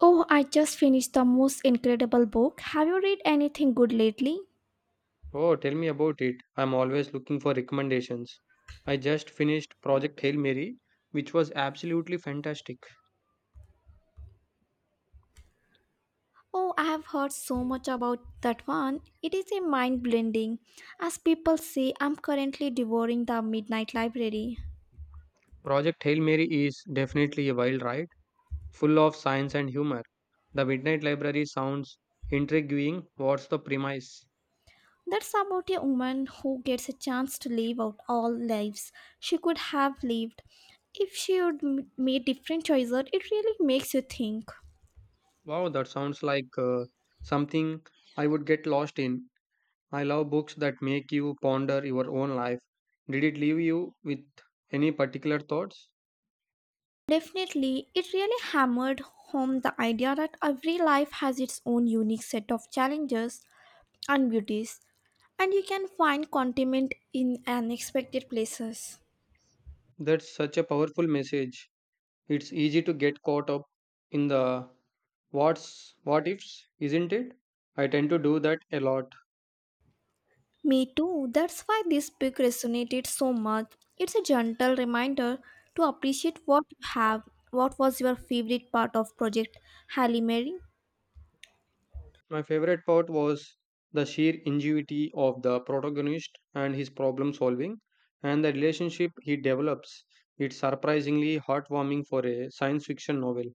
Oh, I just finished the most incredible book. Have you read anything good lately? Oh, tell me about it. I'm always looking for recommendations. I just finished Project Hail Mary, which was absolutely fantastic. Oh, I have heard so much about that one. It is a mind blending. As people say, I'm currently devouring The Midnight Library. Project Hail Mary is definitely a wild ride, full of science and humor. The Midnight Library sounds intriguing. What's the premise? That's about a woman who gets a chance to live out all lives she could have lived. If she would made different choices, it really makes you think. Wow, that sounds like something I would get lost in. I love books that make you ponder your own life. Did it leave you with any particular thoughts? Definitely, it really hammered home the idea that every life has its own unique set of challenges and beauties, and you can find contentment in unexpected places. That's such a powerful message. It's easy to get caught up in the what ifs, isn't it? I tend to do that a lot. Me too, that's why this book resonated so much. It's a gentle reminder to appreciate what you have. What was your favorite part of Project Halle Mary? My favorite part was the sheer ingenuity of the protagonist and his problem solving and the relationship he develops. It's surprisingly heartwarming for a science fiction novel.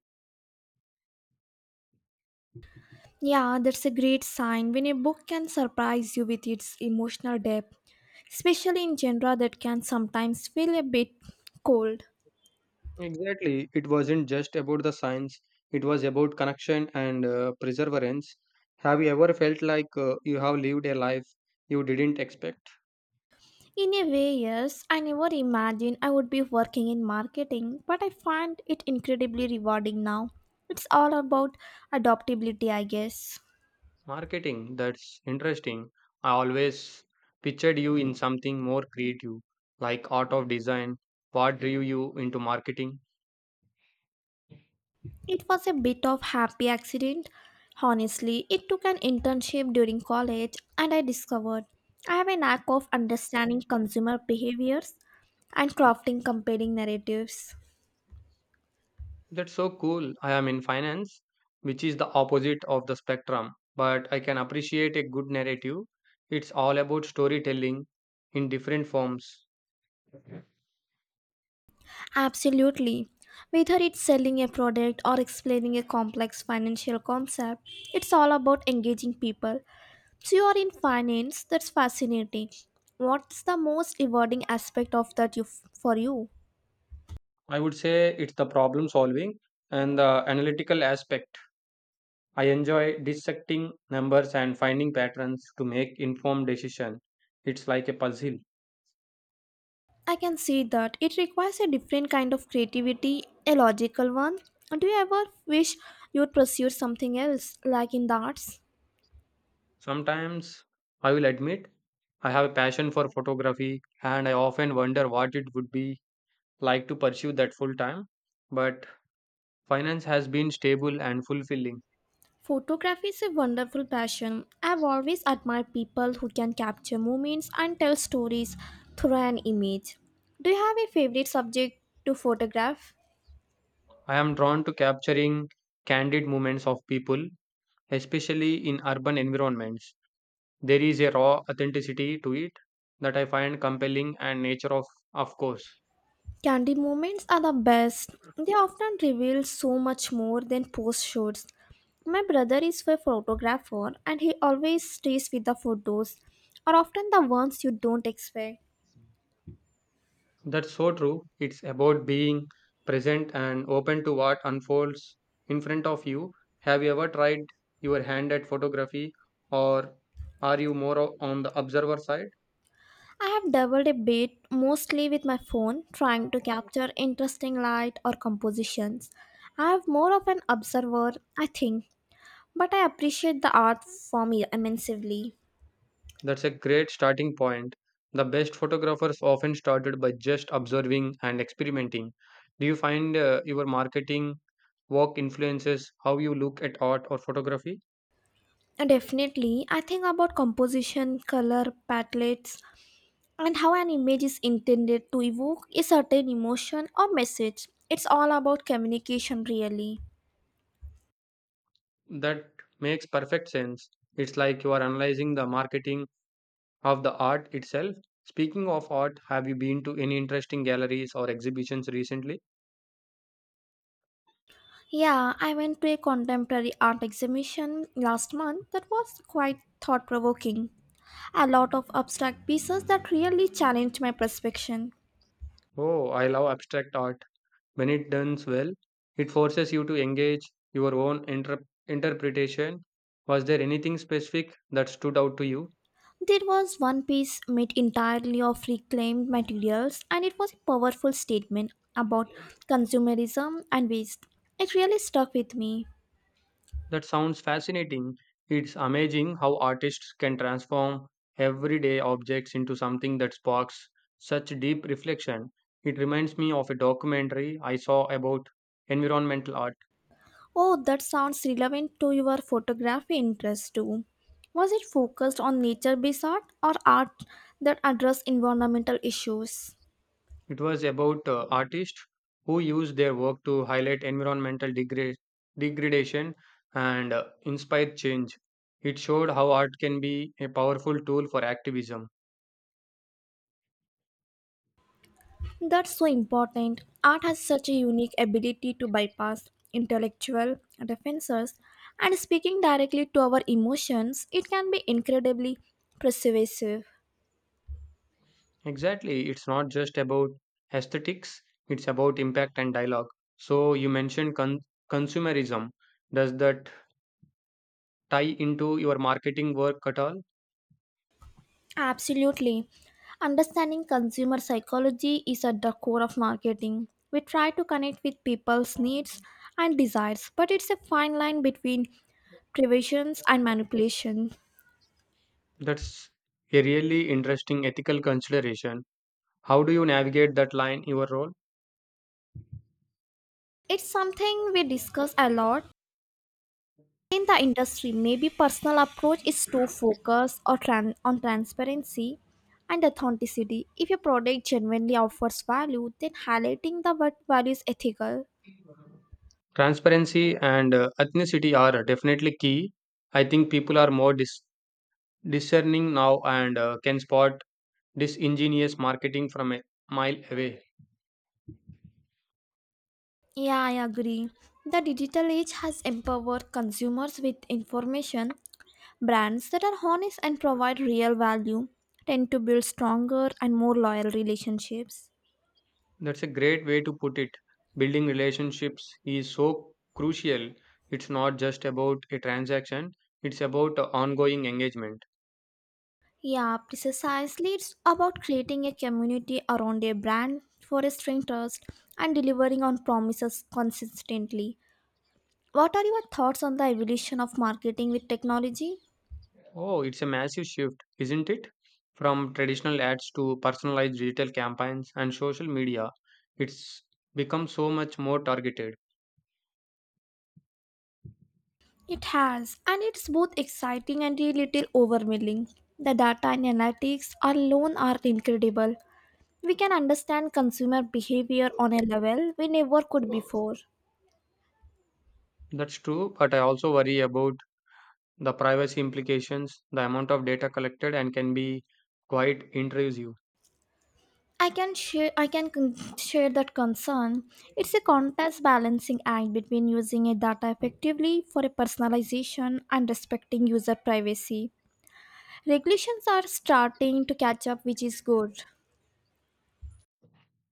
Yeah, that's a great sign when a book can surprise you with its emotional depth, especially in genre that can sometimes feel a bit cold. Exactly, it wasn't just about the science, it was about connection and perseverance. Have you ever felt like you have lived a life you didn't expect? In a way, yes, I never imagined I would be working in marketing, but I find it incredibly rewarding now. It's all about adaptability, I guess. Marketing, that's interesting. I always pictured you in something more creative, like art of design. What drew you into marketing? It was a bit of happy accident. Honestly, it took an internship during college and I discovered I have a knack of understanding consumer behaviors and crafting compelling narratives. That's so cool. I am in finance, which is the opposite of the spectrum, but I can appreciate a good narrative. It's all about storytelling in different forms. Absolutely. Whether it's selling a product or explaining a complex financial concept, it's all about engaging people. So, you are in finance, that's fascinating. What's the most rewarding aspect of that you, for you? I would say it's the problem solving and the analytical aspect. I enjoy dissecting numbers and finding patterns to make informed decisions. It's like a puzzle. I can see that it requires a different kind of creativity, a logical one. Do you ever wish you'd pursue something else, like in the arts? Sometimes I will admit I have a passion for photography and I often wonder what it would be like to pursue that full time. But finance has been stable and fulfilling. Photography is a wonderful passion. I've always admired people who can capture moments and tell stories through an image. Do you have a favorite subject to photograph? I am drawn to capturing candid moments of people, especially in urban environments. There is a raw authenticity to it that I find compelling and nature of course. Candy moments are the best. They often reveal so much more than post shoots. My brother is a photographer and he always stays with the photos, or often the ones you don't expect. That's so true. It's about being present and open to what unfolds in front of you. Have you ever tried your hand at photography or are you more on the observer side? I have dabbled a bit, mostly with my phone, trying to capture interesting light or compositions. I have more of an observer, I think, but I appreciate the art form immensely. That's a great starting point. The best photographers often started by just observing and experimenting. Do you find your marketing work influences how you look at art or photography? And definitely, I think about composition, color, palettes, and how an image is intended to evoke a certain emotion or message. It's all about communication, really. That makes perfect sense. It's like you are analyzing the marketing of the art itself. Speaking of art, have you been to any interesting galleries or exhibitions recently? Yeah, I went to a contemporary art exhibition last month that was quite thought provoking. A lot of abstract pieces that really challenged my perception. Oh, I love abstract art. When it done well, it forces you to engage your own interpretation. Was there anything specific that stood out to you? There was one piece made entirely of reclaimed materials, and it was a powerful statement about consumerism and waste. It really stuck with me. That sounds fascinating. It's amazing how artists can transform everyday objects into something that sparks such deep reflection. It reminds me of a documentary I saw about environmental art. Oh, that sounds relevant to your photography interest too. Was it focused on nature based art or art that addressed environmental issues? It was about artists who used their work to highlight environmental degradation and inspire change. It showed how art can be a powerful tool for activism. That's so important. Art has such a unique ability to bypass intellectual defenses and speaking directly to our emotions, it can be incredibly persuasive. Exactly, it's not just about aesthetics, it's about impact and dialogue. So, you mentioned consumerism. Does that tie into your marketing work at all? Absolutely. Understanding consumer psychology is at the core of marketing. We try to connect with people's needs and desires, but it's a fine line between privations and manipulation. That's a really interesting ethical consideration. How do you navigate that line, your role? It's something we discuss a lot in the industry, maybe personal approach is to focus or on transparency and authenticity. If your product genuinely offers value, then highlighting the word value is ethical. Transparency and ethnicity are definitely key. I think people are more discerning now and can spot disingenuous marketing from a mile away. Yeah, I agree. The digital age has empowered consumers with information. Brands that are honest and provide real value tend to build stronger and more loyal relationships. That's a great way to put it. Building relationships is so crucial. It's not just about a transaction, it's about ongoing engagement. Yeah, precisely. It's about creating a community around a brand, fostering trust, and delivering on promises consistently. What are your thoughts on the evolution of marketing with technology? Oh, it's a massive shift, isn't it? From traditional ads to personalized digital campaigns and social media, it's become so much more targeted. It has, and it's both exciting and a little overwhelming. The data and analytics alone are incredible. We can understand consumer behavior on a level we never could before. That's true, but I also worry about the privacy implications. The amount of data collected and can be quite intrusive. I can share I can con- share that concern. It's a contest balancing act between using a data effectively for a personalization and respecting user privacy. Regulations are starting to catch up which is good.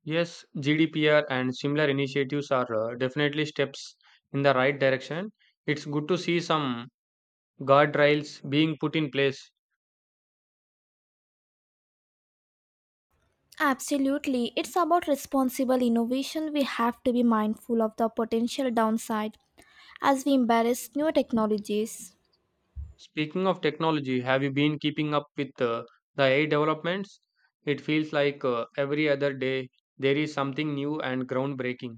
Yes, GDPR and similar initiatives are definitely steps in the right direction. It's good to see some guardrails being put in place. Absolutely. It's about responsible innovation. We have to be mindful of the potential downside as we embrace new technologies. Speaking of technology, have you been keeping up with the AI developments? It feels like every other day there is something new and groundbreaking.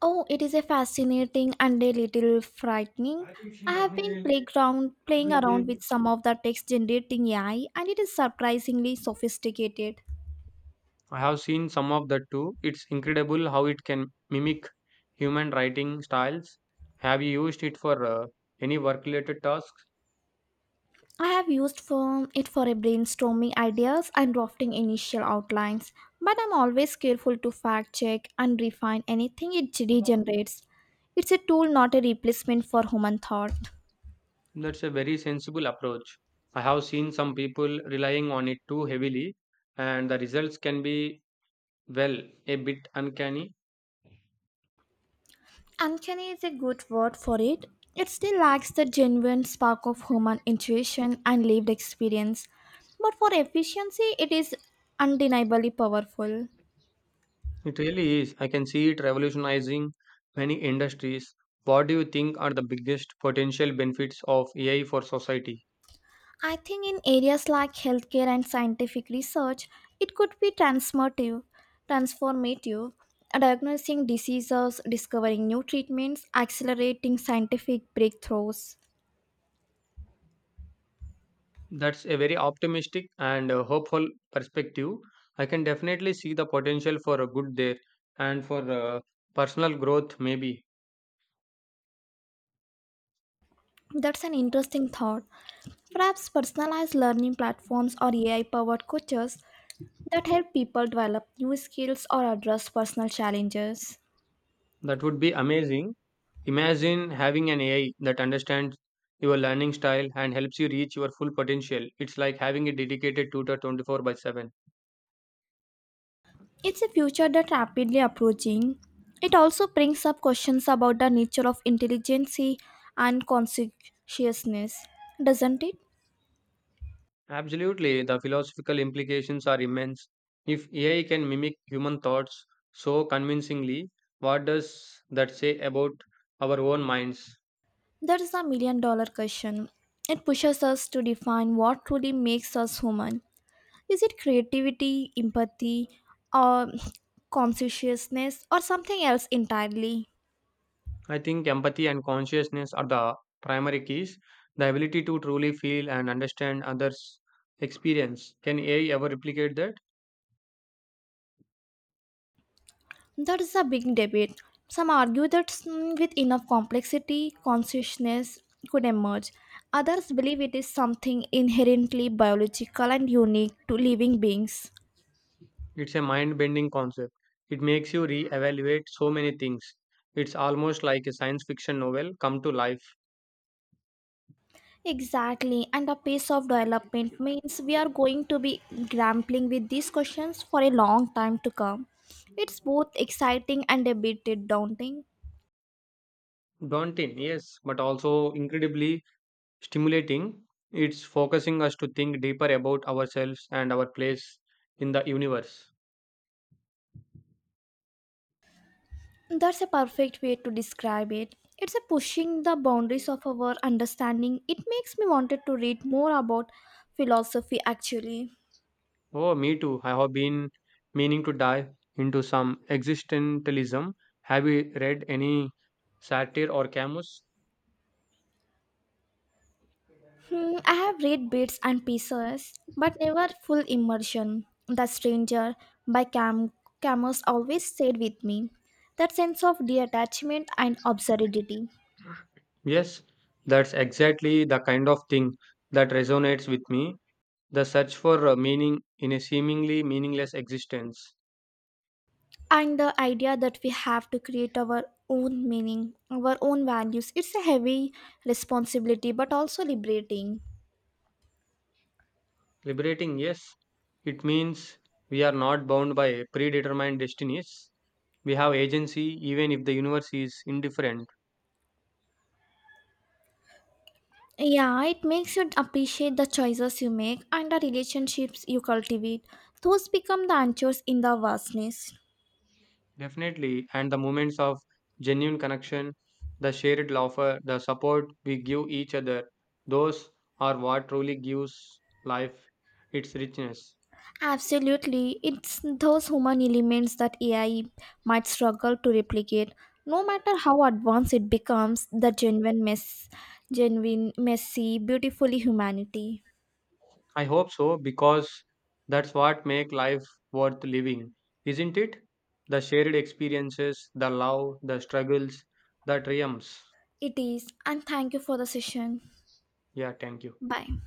Oh, it is a fascinating and a little frightening. I have been playground playing around with some of the text generating AI and it is surprisingly sophisticated. I have seen some of that too. It's incredible how it can mimic human writing styles. Have you used it for any work related tasks? I have used for it for a brainstorming ideas and drafting initial outlines, but I'm always careful to fact check and refine anything it regenerates. It's a tool not a replacement for human thought. That's a very sensible approach. I have seen some people relying on it too heavily, and the results can be, well, a bit uncanny. Uncanny is a good word for it. It still lacks the genuine spark of human intuition and lived experience, but for efficiency, it is undeniably powerful. It really is. I can see it revolutionizing many industries. What do you think are the biggest potential benefits of AI for society? I think in areas like healthcare and scientific research, it could be transformative, transformative, diagnosing diseases, discovering new treatments, accelerating scientific breakthroughs. That's a very optimistic and hopeful perspective. I can definitely see the potential for a good there and for personal growth, maybe. That's an interesting thought. Perhaps personalized learning platforms or AI powered coaches that help people develop new skills or address personal challenges. That would be amazing. Imagine having an AI that understands your learning style and helps you reach your full potential. It's like having a dedicated tutor 24 by 7. It's a future that's rapidly approaching. It also brings up questions about the nature of intelligence and conscientiousness, doesn't it? Absolutely, the philosophical implications are immense. If AI can mimic human thoughts so convincingly, what does that say about our own minds? That is a million-dollar question. It pushes us to define what truly makes us human. Is it creativity, empathy, or conscientiousness, or something else entirely? I think empathy and consciousness are the primary keys. The ability to truly feel and understand others' experience. Can AI ever replicate that? That is a big debate. Some argue that with enough complexity, consciousness could emerge. Others believe it is something inherently biological and unique to living beings. It's a mind bending concept. It makes you re evaluate so many things. It's almost like a science fiction novel come to life. Exactly, and the pace of development means we are going to be grappling with these questions for a long time to come. It's both exciting and a bit daunting. Daunting, yes, but also incredibly stimulating. It's focusing us to think deeper about ourselves and our place in the universe. That's a perfect way to describe it. It's a pushing the boundaries of our understanding. It makes me wanted to read more about philosophy actually. Oh, me too. I have been meaning to dive into some existentialism. Have you read any satire or Camus? Hmm, I have read bits and pieces, but never full immersion. The Stranger by Camus always stayed with me. That sense of detachment and absurdity, Yes, that's exactly the kind of thing that resonates with me. The search for meaning in a seemingly meaningless existence. and the idea that we have to create our own meaning, our own values. It's a heavy responsibility, but also liberating. Liberating, yes. It means we are not bound by predetermined destinies. We have agency even if the universe is indifferent. Yeah, it makes you appreciate the choices you make and the relationships you cultivate. Those become the anchors in the vastness. Definitely. And the moments of genuine connection, the shared laughter, the support we give each other, those are what truly gives life its richness. Absolutely, it's those human elements that AI might struggle to replicate. No matter how advanced it becomes, genuine, messy, beautifully humanity. I hope so because that's what make life worth living, isn't it? The shared experiences, the love, the struggles, the triumphs. It is, and thank you for the session. Yeah, thank you. Bye.